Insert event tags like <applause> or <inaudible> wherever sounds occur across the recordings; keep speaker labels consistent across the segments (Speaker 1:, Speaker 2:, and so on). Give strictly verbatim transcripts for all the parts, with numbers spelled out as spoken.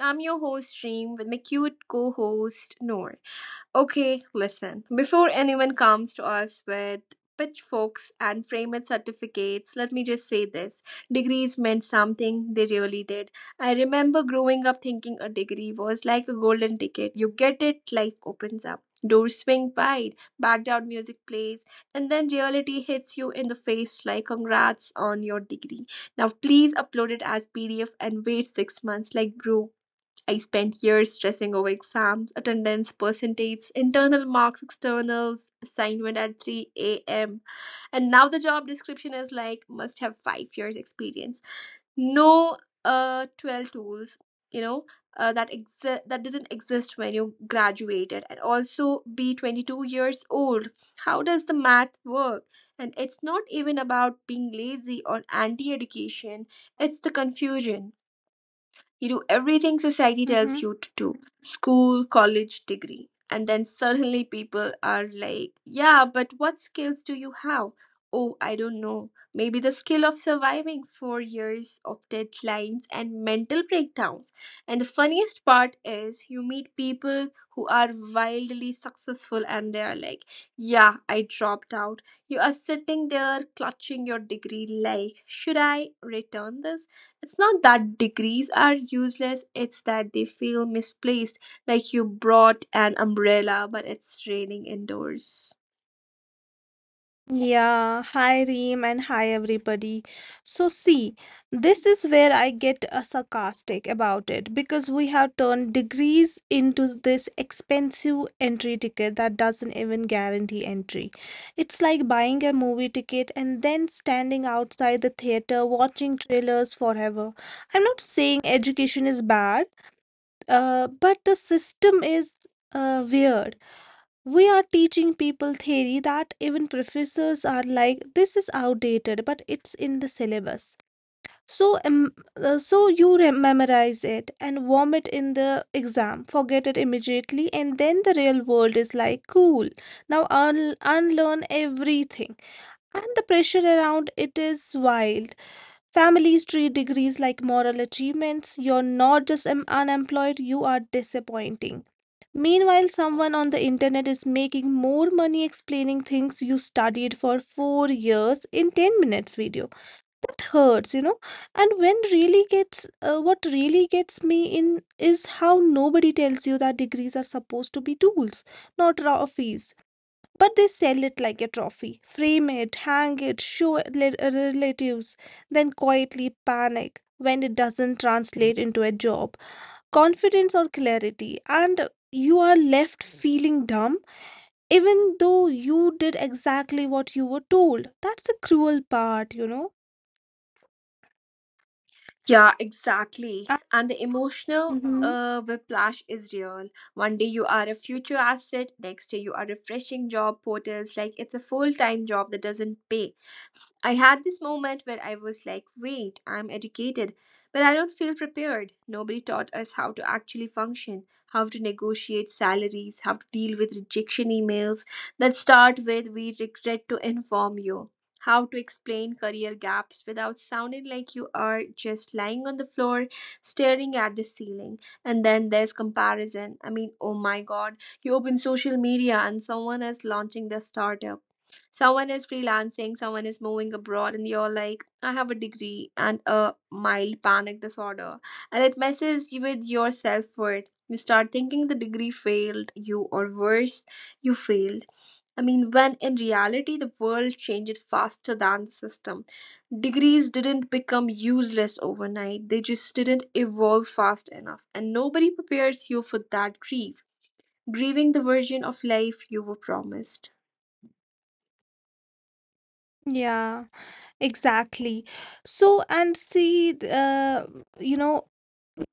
Speaker 1: I'm your host Stream with my cute co-host Noor. Okay, listen. Before anyone comes to us with pitchforks and framed certificates, let me just say this. Degrees meant something, they really did. I remember growing up thinking a degree was like a golden ticket. You get it, life opens up. Doors swing wide, background music plays, and then reality hits you in the face like congrats on your degree. Now please upload it as P D F and wait six months like bro I spent years stressing over exams, attendance, percentages, internal marks, externals, assignment at three a m. And now the job description is like must have five years experience. No uh twelve tools, you know, uh, that exi- that didn't exist when you graduated and also be twenty-two years old. How does the math work? And it's not even about being lazy or anti-education, it's the confusion. You do everything society
Speaker 2: Mm-hmm.
Speaker 1: tells you to do: school, college, degree. And then suddenly people are like, yeah, but what skills do you have? Oh, I don't know. Maybe the skill of surviving four years of deadlines and mental breakdowns. And the funniest part is you meet people who are wildly successful and they are like, yeah, I dropped out. You are sitting there clutching your degree, like, should I return this? It's not that degrees are useless, it's that they feel misplaced, like you brought an umbrella but it's raining indoors.
Speaker 2: Yeah, hi Reem and hi everybody. So see, this is where I get uh, sarcastic about it because we have turned degrees into this expensive entry ticket that doesn't even guarantee entry. It's like buying a movie ticket and then standing outside the theater watching trailers forever. I'm not saying education is bad, uh, but the system is uh, weird. We are teaching people theory that even professors are like, this is outdated, but it's in the syllabus. So, um, uh, so you re- memorize it and vomit in the exam, forget it immediately, and then the real world is like, cool, now un- unlearn everything. And the pressure around it is wild. Families treat degrees like moral achievements. You're not just um, unemployed, you are disappointing. Meanwhile, someone on the internet is making more money explaining things you studied for four years in ten minutes video. That hurts, you know. And when really gets, uh, what really gets me in is how nobody tells you that degrees are supposed to be tools, not trophies. But they sell it like a trophy, frame it, hang it, show it le- relatives, then quietly panic when it doesn't translate into a job confidence or clarity, and you are left feeling dumb even though you did exactly what you were told. That's a cruel part you know
Speaker 1: Yeah, exactly. And the emotional
Speaker 2: Mm-hmm.
Speaker 1: uh, whiplash is real. One day you are a future asset, next day you are refreshing job portals like it's a full time job that doesn't pay. I had this moment where I was like, wait, I'm educated, but I don't feel prepared. Nobody taught us how to actually function, how to negotiate salaries, how to deal with rejection emails that start with, we regret to inform you, how to explain career gaps without sounding like you are just lying on the floor, staring at the ceiling. And then there's comparison. I mean, oh my god, you open social media and someone is launching their startup, someone is freelancing, someone is moving abroad, and you're like, I have a degree and a mild panic disorder. And it messes you with your self-worth. You start thinking the degree failed you, or worse, you failed. I mean when in reality the world changed faster than the system. Degrees didn't become useless overnight, they just didn't evolve fast enough. And nobody prepares you for that grief, grieving the version of life you were promised.
Speaker 2: Yeah, exactly. So, and see, th- uh, you know,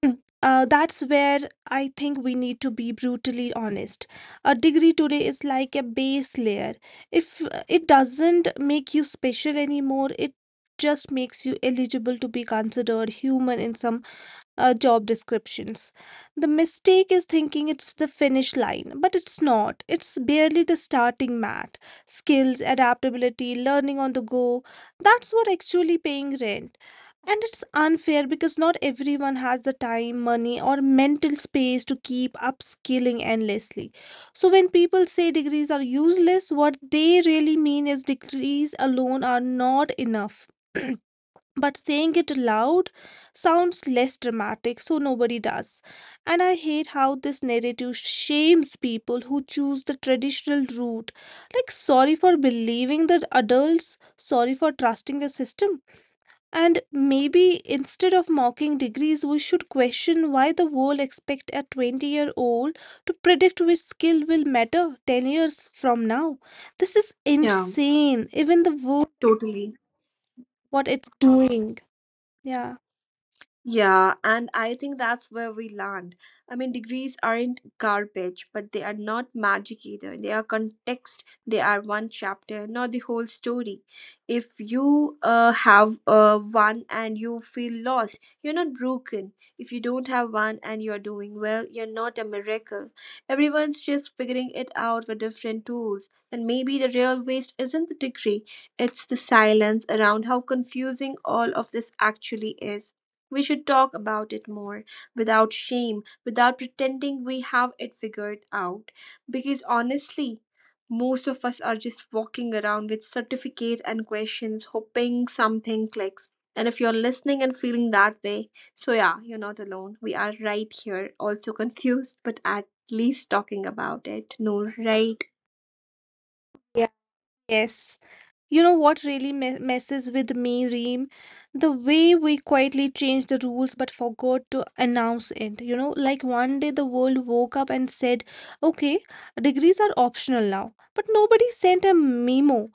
Speaker 2: <clears throat> uh, that's where I think we need to be brutally honest. A degree today is like a base layer. If uh, it doesn't make you special anymore, it just makes you eligible to be considered human in some uh, job descriptions. The mistake is thinking it's the finish line, but it's not. It's barely the starting mat. Skills, adaptability, learning on the go, that's what actually paying rent. And it's unfair because not everyone has the time, money, or mental space to keep upskilling endlessly. So, when people say degrees are useless, what they really mean is degrees alone are not enough. <clears throat> But saying it aloud sounds less dramatic, so nobody does. And I hate how this narrative shames people who choose the traditional route. Like, sorry for believing the adults, sorry for trusting the system. And maybe instead of mocking degrees, we should question why the world expects a twenty year old to predict which skill will matter ten years from now. This is
Speaker 1: Yeah,
Speaker 2: insane, even the world,
Speaker 1: totally.
Speaker 2: what it's doing. Yeah.
Speaker 1: Yeah, and I think that's where we land. I mean, degrees aren't garbage, but they are not magic either. They are context, they are one chapter, not the whole story. If you uh, have uh, one and you feel lost, you're not broken. If you don't have one and you're doing well, you're not a miracle. Everyone's just figuring it out with different tools. And maybe the real waste isn't the degree, it's the silence around how confusing all of this actually is. We should talk about it more without shame, without pretending we have it figured out. Because honestly, most of us are just walking around with certificates and questions, hoping something clicks. And if you're listening and feeling that way, so yeah, you're not alone. We are right here, also confused, but at least talking about it. No, right?
Speaker 2: Yes. You know what really me messes with me, Reem? The way we quietly changed the rules but forgot to announce it. You know, like one day the world woke up and said, okay, degrees are optional now. But nobody sent a memo.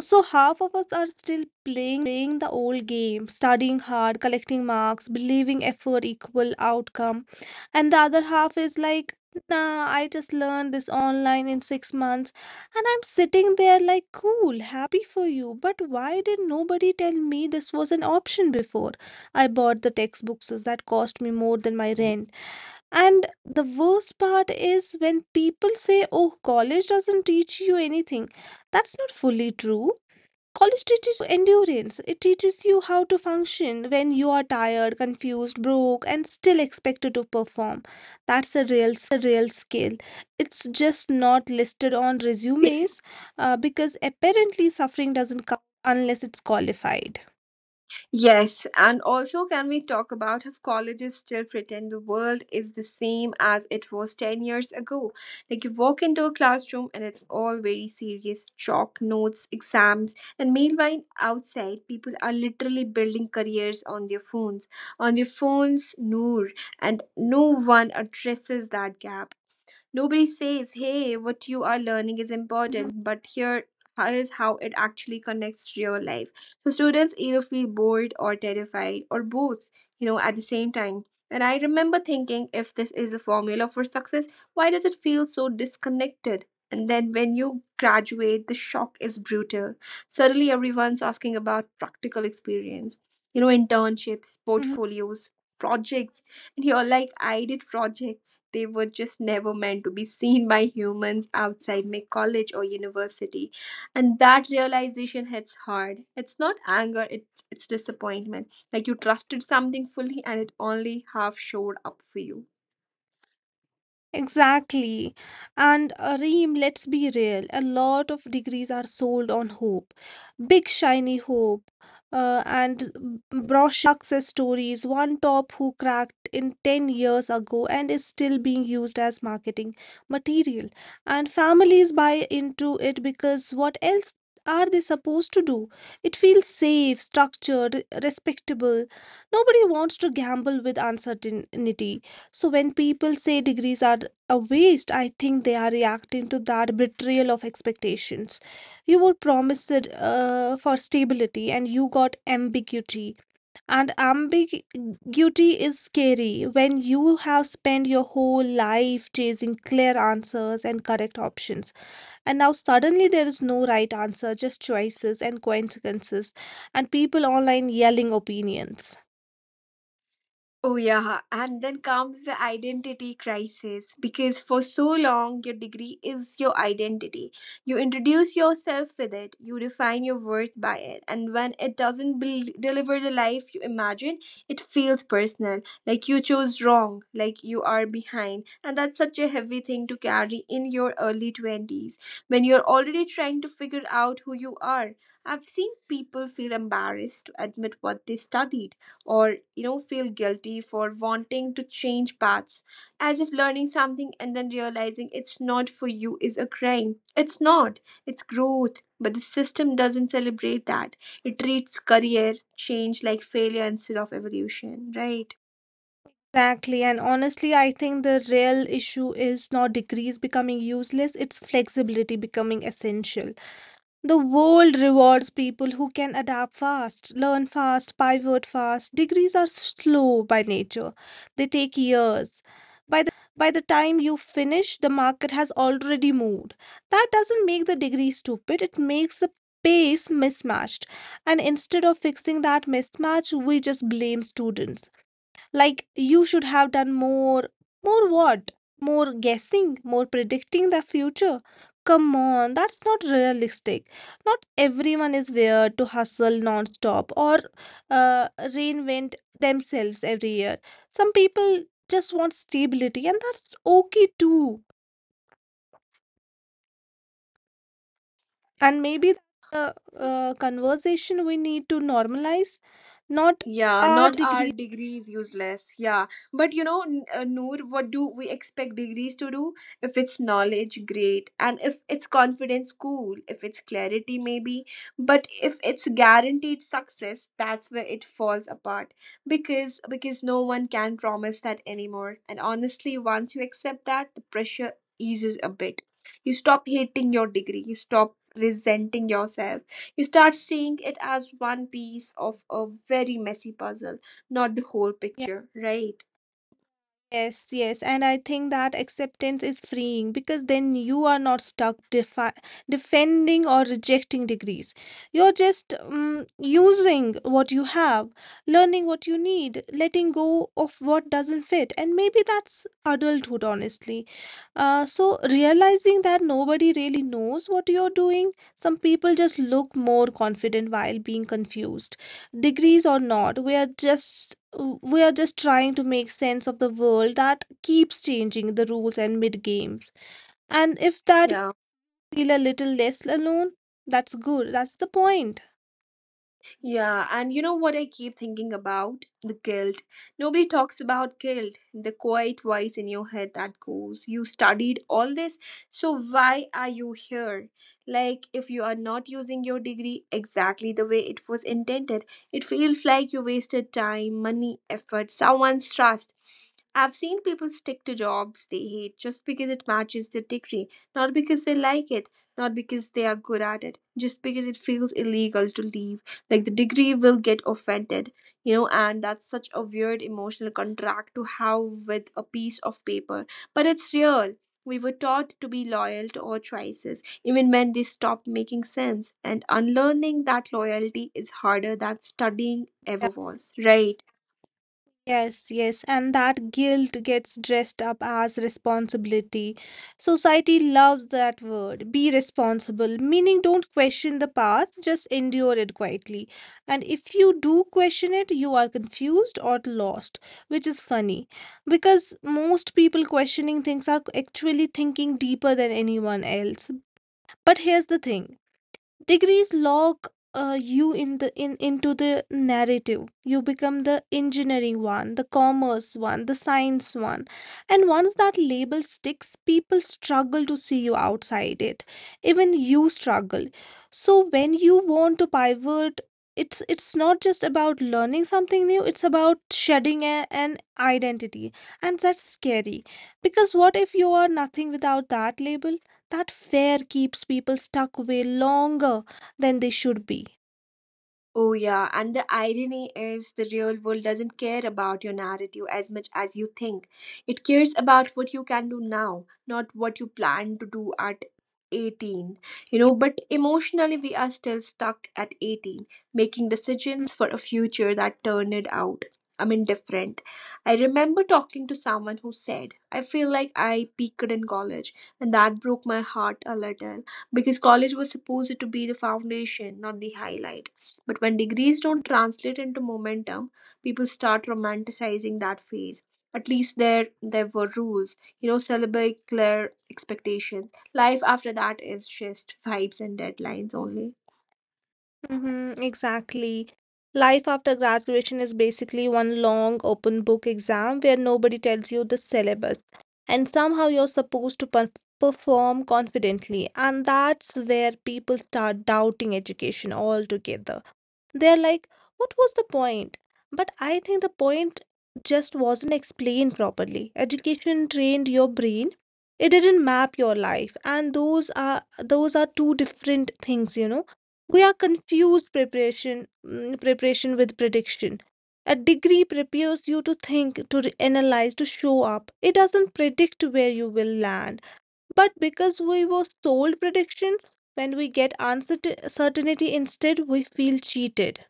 Speaker 2: So half of us are still playing the old game, studying hard, collecting marks, believing effort equal outcome. And the other half is like, nah, I just learned this online in six months. And I'm sitting there like, cool, happy for you. But why did nobody tell me this was an option before? I bought the textbooks that cost me more than my rent. And the worst part is when people say, oh, college doesn't teach you anything. That's not fully true. College teaches you endurance. It teaches you how to function when you are tired, confused, broke, and still expected to perform. That's a real skill. It's just not listed on resumes uh, because apparently suffering doesn't count unless it's qualified.
Speaker 1: Yes, and also, can we talk about how colleges still pretend the world is the same as it was ten years ago? Like, you walk into a classroom and it's all very serious chalk notes, exams, and meanwhile, outside, people are literally building careers on their phones. On their phones, Noor, and no one addresses that gap. Nobody says, hey, what you are learning is
Speaker 2: Mhm,
Speaker 1: important, but here is how it actually connects to your life. So students either feel bored or terrified or both, you know, at the same time. And I remember thinking, if this is the formula for success, why does it feel so disconnected? And then when you graduate, the shock is brutal. Suddenly, everyone's asking about practical experience, you know, internships,
Speaker 2: mhm.
Speaker 1: portfolios, projects, and are like, I did projects, they were just never meant to be seen by humans outside my college or university. And that realization hits hard. It's not anger, it's, it's disappointment. Like you trusted something fully and it only half showed up for you.
Speaker 2: Exactly. And uh, Reem, let's be real, a lot of degrees are sold on hope. Big shiny hope. Uh, and b- brochures, success stories, one top who cracked in ten years ago and is still being used as marketing material. And families buy into it because what else are they supposed to do? It feels safe, structured, respectable. Nobody wants to gamble with uncertainty. So when people say degrees are a waste, I think they are reacting to that betrayal of expectations. You were promised it, uh, for stability, and you got ambiguity. And ambiguity is scary when you have spent your whole life chasing clear answers and correct options. And now suddenly there is no right answer, just choices and consequences and people online yelling opinions.
Speaker 1: Oh, yeah. And then comes the identity crisis because for so long, your degree is your identity. You introduce yourself with it, you define your worth by it. And when it doesn't bel deliver the life you imagine, it feels personal, like you chose wrong, like you are behind. And that's such a heavy thing to carry in your early twenties when you're already trying to figure out who you are. I've seen people feel embarrassed to admit what they studied, or you know, feel guilty for wanting to change paths, as if learning something and then realizing it's not for you is a crime. It's not, it's growth. But the system doesn't celebrate that, it treats career change like failure instead of evolution, right?
Speaker 2: Exactly, and honestly, I think the real issue is not degrees becoming useless, it's flexibility becoming essential. The world rewards people who can adapt fast, learn fast, pivot fast. Degrees are slow by nature, they take years. By the time you finish, the market has already moved. That doesn't make the degree stupid, it makes the pace mismatched. And instead of fixing that mismatch, we just blame students. Like, you should have done more. More what? More guessing, more predicting the future. Come on, that's not realistic. Not everyone is wired to hustle non-stop or uh, reinvent themselves every year. Some people just want stability, and that's okay too. And maybe the uh, conversation we need to normalize, not
Speaker 1: Yeah,
Speaker 2: our
Speaker 1: not our
Speaker 2: degree.
Speaker 1: degrees useless. Yeah, but you know, N- uh, Noor, what do we expect degrees to do? If it's knowledge, great, and if it's confidence, cool. If it's clarity, maybe. But if it's guaranteed success, that's where it falls apart, because because no one can promise that anymore. And honestly, once you accept that, the pressure eases a bit. You stop hating your degree. You stop resenting yourself, you start seeing it as one piece of a very messy puzzle, not the whole
Speaker 2: Yeah,
Speaker 1: picture, right?
Speaker 2: yes, yes, and I think that acceptance is freeing because then you are not stuck defi- defending or rejecting degrees. You're just um, using what you have, learning what you need, letting go of what doesn't fit, and maybe that's adulthood, honestly. Uh, so realizing that nobody really knows what you're doing, some people just look more confident while being confused, degrees or not. We are just we are just trying to make sense of the world that keeps changing the rules and mid games. And if that
Speaker 1: Yeah.
Speaker 2: feel a little less alone, that's good. That's the point.
Speaker 1: Yeah, and you know what I keep thinking about? The guilt. Nobody talks about guilt, the quiet voice in your head that goes, you studied all this, so why are you here? Like, if you are not using your degree exactly the way it was intended, it feels like you wasted time, money, effort, someone's trust. I've seen people stick to jobs they hate just because it matches their degree, not because they like it, not because they are good at it, just because it feels illegal to leave, like the degree will get offended, you know. And that's such a weird emotional contract to have with a piece of paper, but it's real. We were taught to be loyal to our choices even when they stopped making sense, and unlearning that loyalty is harder than studying ever was, right?
Speaker 2: Yes, yes, and that guilt gets dressed up as responsibility. Society loves that word, be responsible, meaning don't question the past, just endure it quietly. And if you do question it, you are confused or lost, which is funny because most people questioning things are actually thinking deeper than anyone else. But here's the thing. Degrees lock uh, you in the in into the narrative. You become the engineering one, the commerce one, the science one. And once that label sticks, people struggle to see you outside it. Even you struggle. So when you want to pivot, it's it's not just about learning something new, it's about shedding a, an identity. And that's scary. Because what if you are nothing without that label? That fear keeps people stuck way longer than they should be.
Speaker 1: Oh, yeah. And the irony is, the real world doesn't care about your narrative as much as you think. It cares about what you can do now, not what you plan to do at eighteen. You know, but emotionally, we are still stuck at eighteen, making decisions for a future that turned out, I mean, different. I remember talking to someone who said, I feel like I peaked in college, and that broke my heart a little because college was supposed to be the foundation, not the highlight. But when degrees don't translate into momentum, people start romanticizing that phase. At least there there were rules, you know, syllabic clear expectations. Life after that is just vibes and deadlines only.
Speaker 2: Mm-hmm, exactly. Life after graduation is basically one long open book exam where nobody tells you the syllabus, and somehow you're supposed to perf- perform confidently, and that's where people start doubting education altogether. They're like, what was the point? But I think the point just wasn't explained properly. Education trained your brain. It didn't map your life. And those are those are two different things, you know. We are confused preparation mm, preparation with prediction. A degree prepares you to think, to re- analyze, to show up. It doesn't predict where you will land. But because we were sold predictions, when we get uncertainty instead, we feel cheated.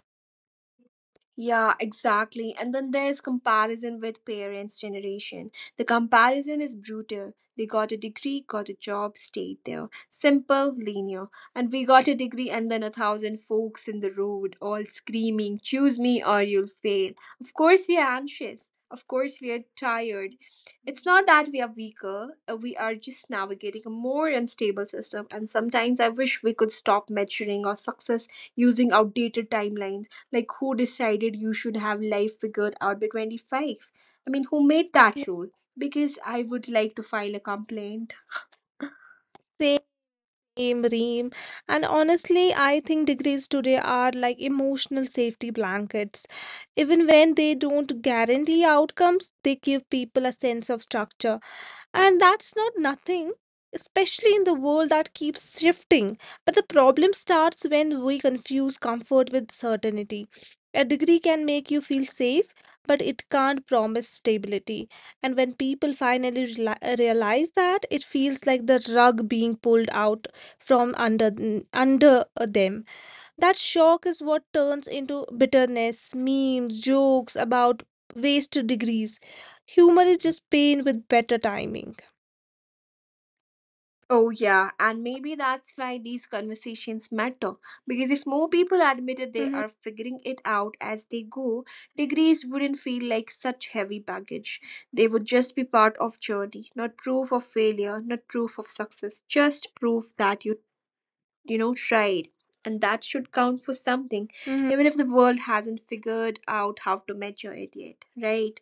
Speaker 1: Yeah, exactly. And then there's comparison with parents' generation. The comparison is brutal. They got a degree, got a job, stayed there. Simple, linear. And we got a degree and then a thousand folks in the road all screaming, choose me or you'll fail. Of course we are anxious. Of course we are tired. It's not that we are weaker, uh, we are just navigating a more unstable system. And sometimes I wish we could stop measuring our success using outdated timelines. Like, who decided you should have life figured out by twenty-five? I mean, who made that rule? Because I would like to file a complaint.
Speaker 2: Same, Reem. And honestly, I think degrees today are like emotional safety blankets. Even when they don't guarantee outcomes, they give people a sense of structure. And that's not nothing, especially in the world that keeps shifting. But the problem starts when we confuse comfort with certainty. A degree can make you feel safe, but it can't promise stability. And when people finally reali- realize that, it feels like the rug being pulled out from under under them. That shock is what turns into bitterness, memes, jokes about wasted degrees. Humor is just pain with better timing.
Speaker 1: Oh, yeah, and maybe that's why these conversations matter. Because if more people admitted they
Speaker 2: Mhm,
Speaker 1: are figuring it out as they go, degrees wouldn't feel like such heavy baggage. They would just be part of journey, not proof of failure, not proof of success, just proof that you you know tried, and that should count for something,
Speaker 2: mhm.
Speaker 1: even if the world hasn't figured out how to measure it yet, right?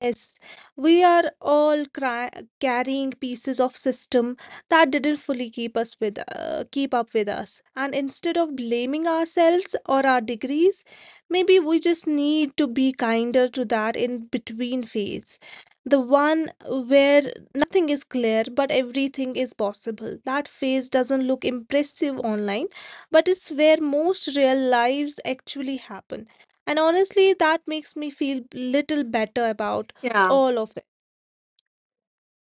Speaker 2: Yes, we are all cry carrying pieces of system that didn't fully keep us with uh, keep up with us. And instead of blaming ourselves or our degrees, maybe we just need to be kinder to that in between phase. The one where nothing is clear but everything is possible. That phase doesn't look impressive online, but it's where most real lives actually happen. And honestly, that makes me feel little better about
Speaker 1: Yeah.
Speaker 2: all of it.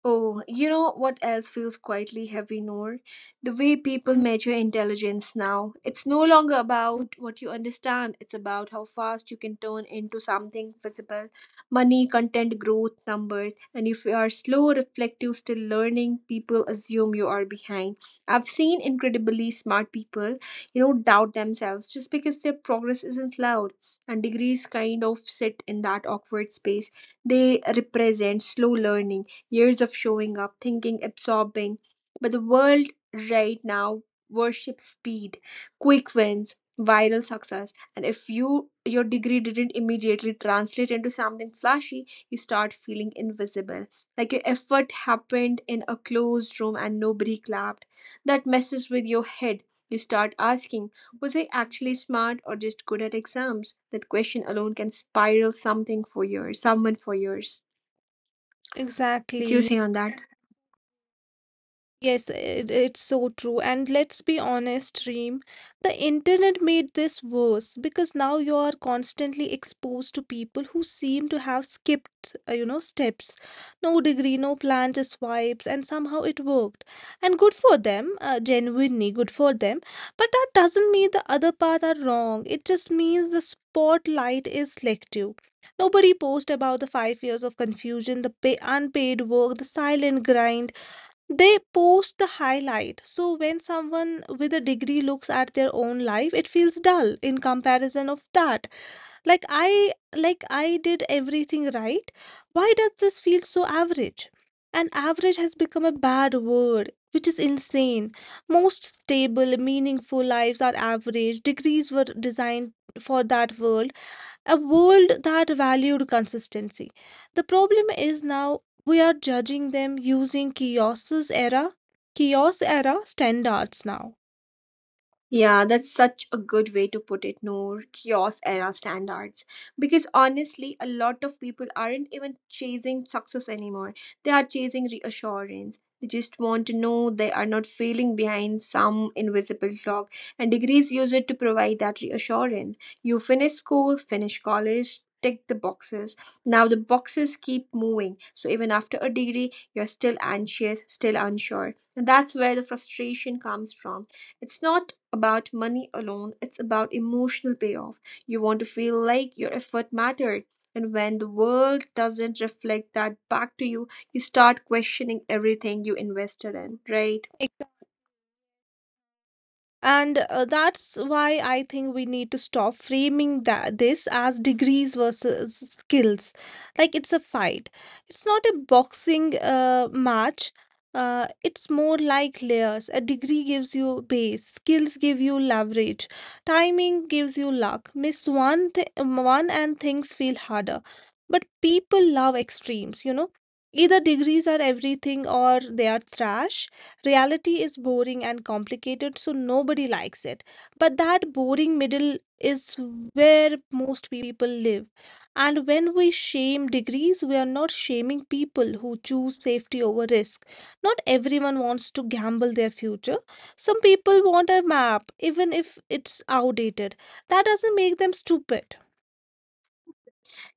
Speaker 1: Oh, you know what else feels quietly heavy, Noor? The way people
Speaker 2: Mhm.
Speaker 1: measure intelligence now. It's no longer about what you understand, it's about how fast you can turn into something visible: money, content, growth, numbers. And if you are slow, reflective, still learning, people assume you are behind. I've seen incredibly smart people, you know, doubt themselves just because their progress isn't loud. And degrees kind of sit in that awkward space. They represent slow learning, years of showing up, thinking, absorbing. But the world right now worships speed, quick wins, viral success. And if you your degree didn't immediately translate into something flashy, you start feeling invisible. Like your effort happened in a closed room and nobody clapped. That messes with your head. You start asking, was I actually smart or just good at exams? That question alone can spiral something for years, someone for years. What do you
Speaker 2: Exactly.
Speaker 1: say on that?
Speaker 2: Yes, it, it's so true. And let's be honest, Reem, the internet made this worse because now you are constantly exposed to people who seem to have skipped, uh, you know, steps. No degree, no plan, just vibes, and somehow it worked. And good for them, uh, genuinely good for them. But that doesn't mean the other paths are wrong. It just means the spotlight is selective. Nobody posts about the five years of confusion, the pay unpaid work, the silent grind. They post the highlight. So when someone with a degree looks at their own life, it feels dull in comparison of that. Like I like I did everything right. Why does this feel so average? And average has become a bad word, which is insane. Most stable, meaningful lives are average. Degrees were designed for that world, a world that valued consistency. The problem is now we are judging them using kiosks era, kiosk era standards now.
Speaker 1: Yeah, that's such a good way to put it, Noor. Kiosk era standards. Because honestly, a lot of people aren't even chasing success anymore. They are chasing reassurance. They just want to know they are not failing behind some invisible clock, and degrees use it to provide that reassurance. You finish school, finish college, tick the boxes. Now the boxes keep moving. So even after a degree, you're still anxious, still unsure. And that's where the frustration comes from. It's not about money alone, it's about emotional payoff. You want to feel like your effort mattered. And when the world doesn't reflect that back to you, you start questioning everything you invested in, right?
Speaker 2: And uh, That's why I think we need to stop framing that this as degrees versus skills, like it's a fight. It's not a boxing uh, match. Uh, it's more like layers. A degree gives you base, skills give you leverage, timing gives you luck. Miss one th- one and things feel harder. But people love extremes, you know. Either degrees are everything or they are trash. Reality is boring and complicated, so nobody likes it. But that boring middle is where most people live. And when we shame degrees, we are not shaming people who choose safety over risk. Not everyone wants to gamble their future. Some people want a map, even if it's outdated. That doesn't make them stupid.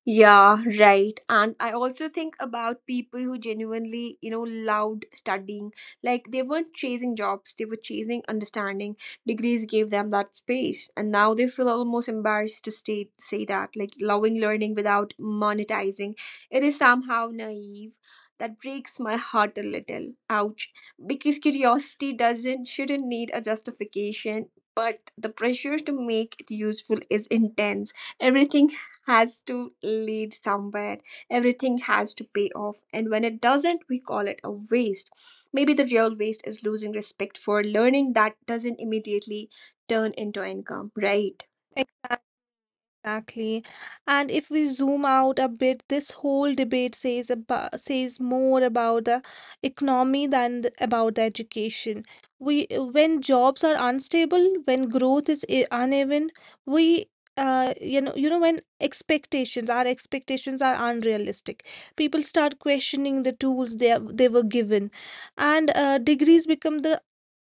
Speaker 1: Yeah, right. And I also think about people who genuinely, you know, loved studying. Like they weren't chasing jobs, they were chasing understanding. Degrees gave them that space. And now they feel almost embarrassed to stay, say that. Like loving learning without monetizing. It is somehow naive. That breaks my heart a little. Ouch. Because curiosity doesn't shouldn't need a justification, but the pressure to make it useful is intense. Everything has to lead somewhere. Everything has to pay off. And when it doesn't, we call it a waste. Maybe the real waste is losing respect for learning that doesn't immediately turn into income, right?
Speaker 2: Exactly. And if we zoom out a bit, this whole debate says about says more about the economy than th- about the education. We when jobs are unstable, when growth is i- uneven, we uh, you know you know when expectations our expectations are unrealistic, people start questioning the tools they are- they were given, and uh, degrees become the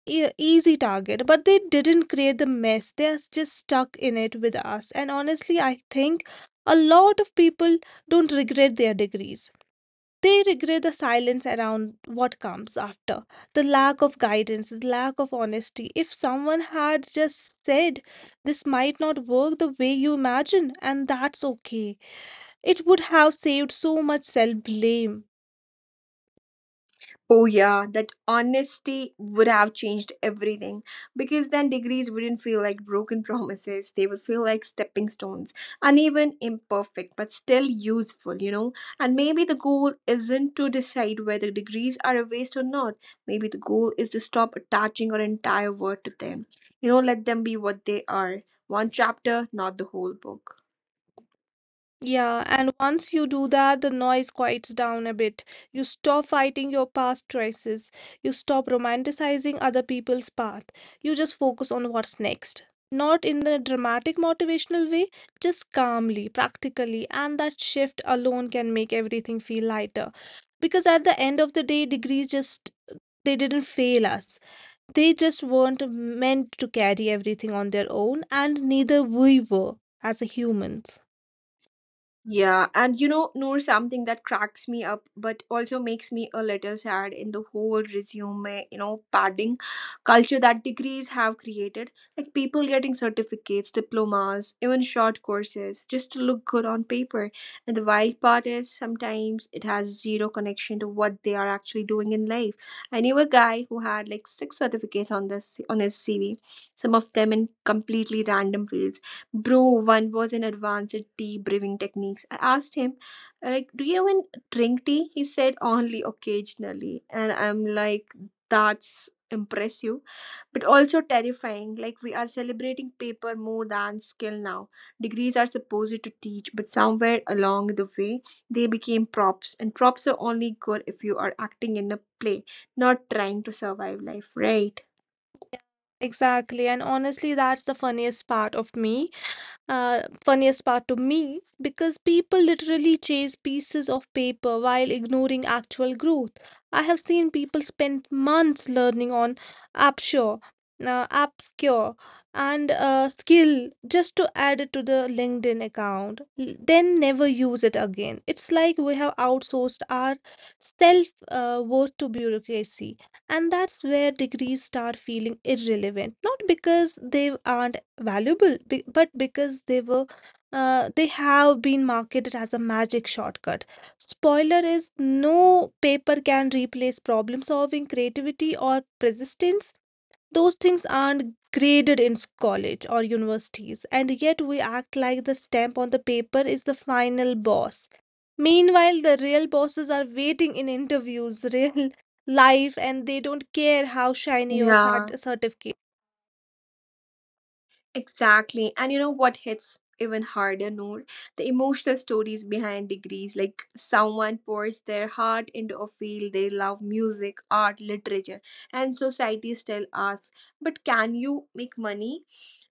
Speaker 2: e- easy target, but they didn't create the mess. They are just stuck in it with us. And honestly, I think a lot of people don't regret their degrees. They regret the silence around what comes after, the lack of guidance, the lack of honesty. If someone had just said, "This might not work the way you imagine, and that's okay," it would have saved so much self blame.
Speaker 1: Oh, yeah, that honesty would have changed everything, because then degrees wouldn't feel like broken <laughs> promises. They would feel like stepping stones, uneven, imperfect, but still useful, you know. And maybe the goal isn't to decide whether degrees are a waste or not. Maybe the goal is to stop attaching our entire world to them. You know, let them be what they are, one chapter, not the whole book.
Speaker 2: Yeah, and once you do that, the noise quiets down a bit. You stop fighting your past choices. You stop romanticizing other people's path. You just focus on what's next. Not in the dramatic motivational way, just calmly, practically, and that shift alone can make everything feel lighter. Because at the end of the day, degrees just they didn't fail us. They just weren't meant to carry everything on their own, and neither we were as a humans.
Speaker 1: Yeah, and you know, Noor, something that cracks me up but also makes me a little sad in the whole resume, you know, padding culture that degrees have created. Like people getting certificates, diplomas, even short courses just to look good on paper. And the wild part is sometimes it has zero connection to what they are actually doing in life. I knew a guy who had like six certificates on this on his C V, some of them in completely random fields. Bro, one was in advanced tea brewing techniques. I asked him, like, do you even drink tea? He said only occasionally. And I'm like, that's impressive, but also terrifying. Like, we are celebrating paper more than skill now. Degrees are supposed to teach, but somewhere along the way, they became props. And props are only good if you are acting in a play, not trying to survive life, right?
Speaker 2: Exactly. And honestly, that's the funniest part of me. Uh, funniest part to me, because people literally chase pieces of paper while ignoring actual growth. I have seen people spend months learning on AppSure, uh, AppScure, and uh, Skill just to add it to the LinkedIn account, l- then never use it again. It's like we have outsourced our self uh, worth to bureaucracy. And that's where degrees start feeling irrelevant, not because they aren't valuable, be- but because they were uh, they have been marketed as a magic shortcut. Spoiler is no paper can replace problem solving, creativity, or persistence. Those things aren't graded in s- college or universities, and yet we act like the stamp on the paper is the final boss. Meanwhile, the real bosses are waiting in interviews, <laughs> real life, and they don't care how shiny your
Speaker 1: Yeah.
Speaker 2: cert- certificate.
Speaker 1: Exactly. And you know what hits even harder, Noor? The emotional stories behind degrees. Like someone pours their heart into a field they love, music, art, literature, and society still asks, but can you make money?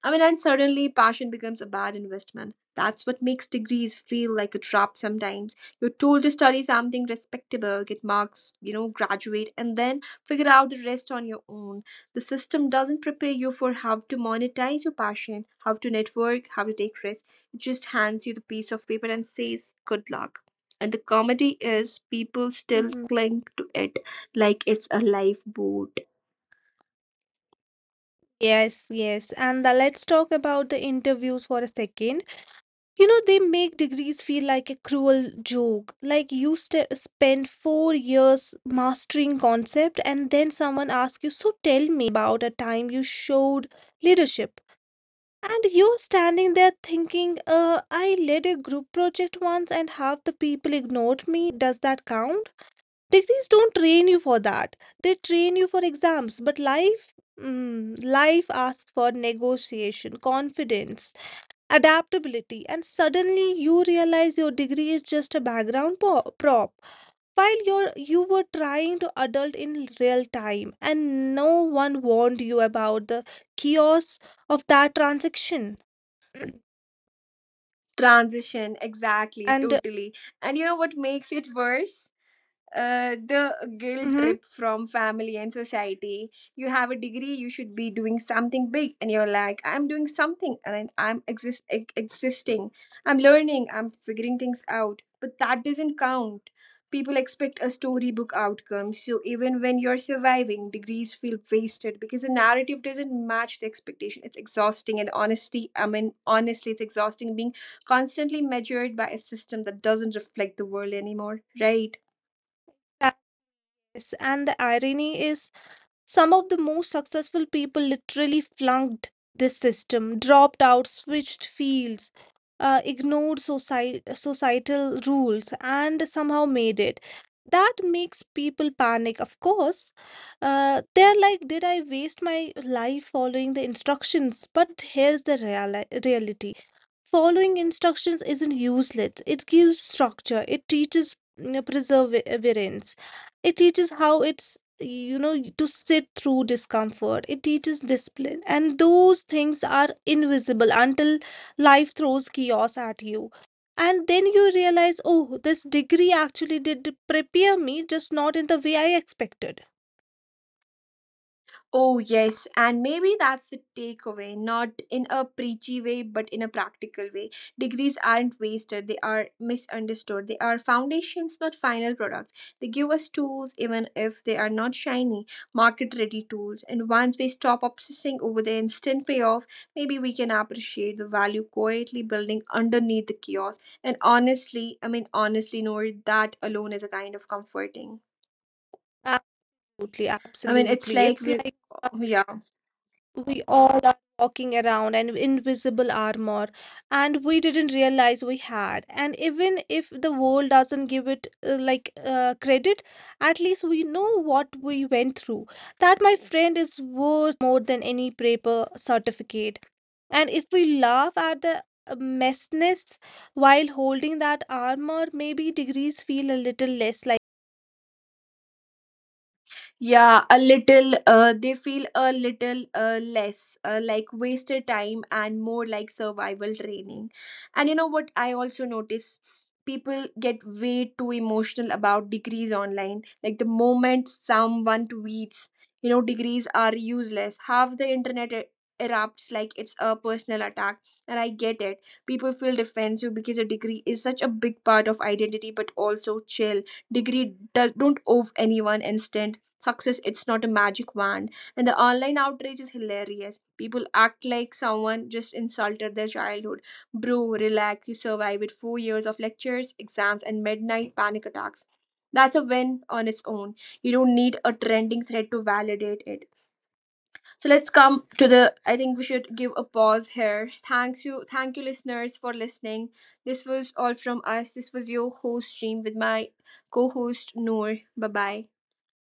Speaker 1: I mean, and suddenly passion becomes a bad investment. That's what makes degrees feel like a trap sometimes. You're told to study something respectable, get marks, you know, graduate, and then figure out the rest on your own. The system doesn't prepare you for how to monetize your passion, how to network, how to take risks. It just hands you the piece of paper and says good luck. And the comedy is people still
Speaker 2: Mm-hmm.
Speaker 1: cling to it like it's a lifeboat
Speaker 2: Yes, yes. And uh, let's talk about the interviews for a second. You know, they make degrees feel like a cruel joke. Like you st spend four years mastering concept and then someone asks you, "So tell me about a time you showed leadership." And you're standing there thinking, uh, I led a group project once and half the people ignored me. Does that count? Degrees don't train you for that. They train you for exams, but life mm, life asks for negotiation, confidence, adaptability, and suddenly you realize your degree is just a background po- prop. While you're you were trying to adult in real time, and no one warned you about the chaos of that transaction. <clears throat>
Speaker 1: transition exactly
Speaker 2: and
Speaker 1: totally. And you know what makes it worse, uh, the guilt
Speaker 2: mhm,
Speaker 1: trip from family and society. You have a degree, you should be doing something big, and you're like, I'm doing something, and I'm I'm exist ex- existing. I'm learning. I'm figuring things out. But that doesn't count. People expect a storybook outcome. So even when you're surviving, degrees feel wasted because the narrative doesn't match the expectation. It's exhausting, and honestly, I mean, honestly, it's exhausting being constantly measured by a system that doesn't reflect the world anymore, right?
Speaker 2: yes, and the irony is, some of the most successful people literally flunked this system, dropped out, switched fields, uh, ignored society, societal rules, and somehow made it. That makes people panic, of course. Uh, they're like, "Did I waste my life following the instructions?" But here's the reali- reality following instructions isn't useless. It gives structure. It teaches you perseverance. It teaches how it's you know to sit through discomfort. It teaches discipline, and those things are invisible until life throws chaos at you. And then you realize, oh, this degree actually did prepare me, just not in the way I expected.
Speaker 1: Oh, yes, and maybe that's the takeaway, not in a preachy way, but in a practical way. Degrees aren't wasted, they are misunderstood. They are foundations, not final products. They give us tools, even if they are not shiny, market ready tools. And once we stop obsessing over the instant payoff, maybe we can appreciate the value quietly building underneath the chaos. And honestly, I mean, honestly, Noor, that alone is a kind of comforting.
Speaker 2: Absolutely,
Speaker 1: I mean, it's
Speaker 2: absolutely.
Speaker 1: like
Speaker 2: It's
Speaker 1: we're,
Speaker 2: like
Speaker 1: yeah.
Speaker 2: we all are walking around an invisible armor and we didn't realize we had, and even if the world doesn't give it uh, like uh, credit, at least we know what we went through. That, my friend, is worth more than any paper certificate. And if we laugh at the uh, messiness while holding that armor, maybe degrees feel a little less like
Speaker 1: Yeah, a little, uh, they feel a little uh, less uh, like wasted time and more like survival training. And you know what? I also notice people get way too emotional about degrees online. Like the moment someone tweets, you know, degrees are useless, half the internet e- erupts like it's a personal attack. And I get it. People feel defensive because a degree is such a big part of identity, but also chill. Degree does, don't owe anyone instant success. It's not a magic wand. And the online outrage is hilarious. People act like someone just insulted their childhood. Bro, relax, you survived with four years of lectures, exams, and midnight panic attacks. That's a win on its own. You don't need a trending thread to validate it. So let's come to the I think we should give a pause here. Thanks you. Thank you listeners for listening. This was all from us. This was your host stream with my co-host Noor. Bye bye.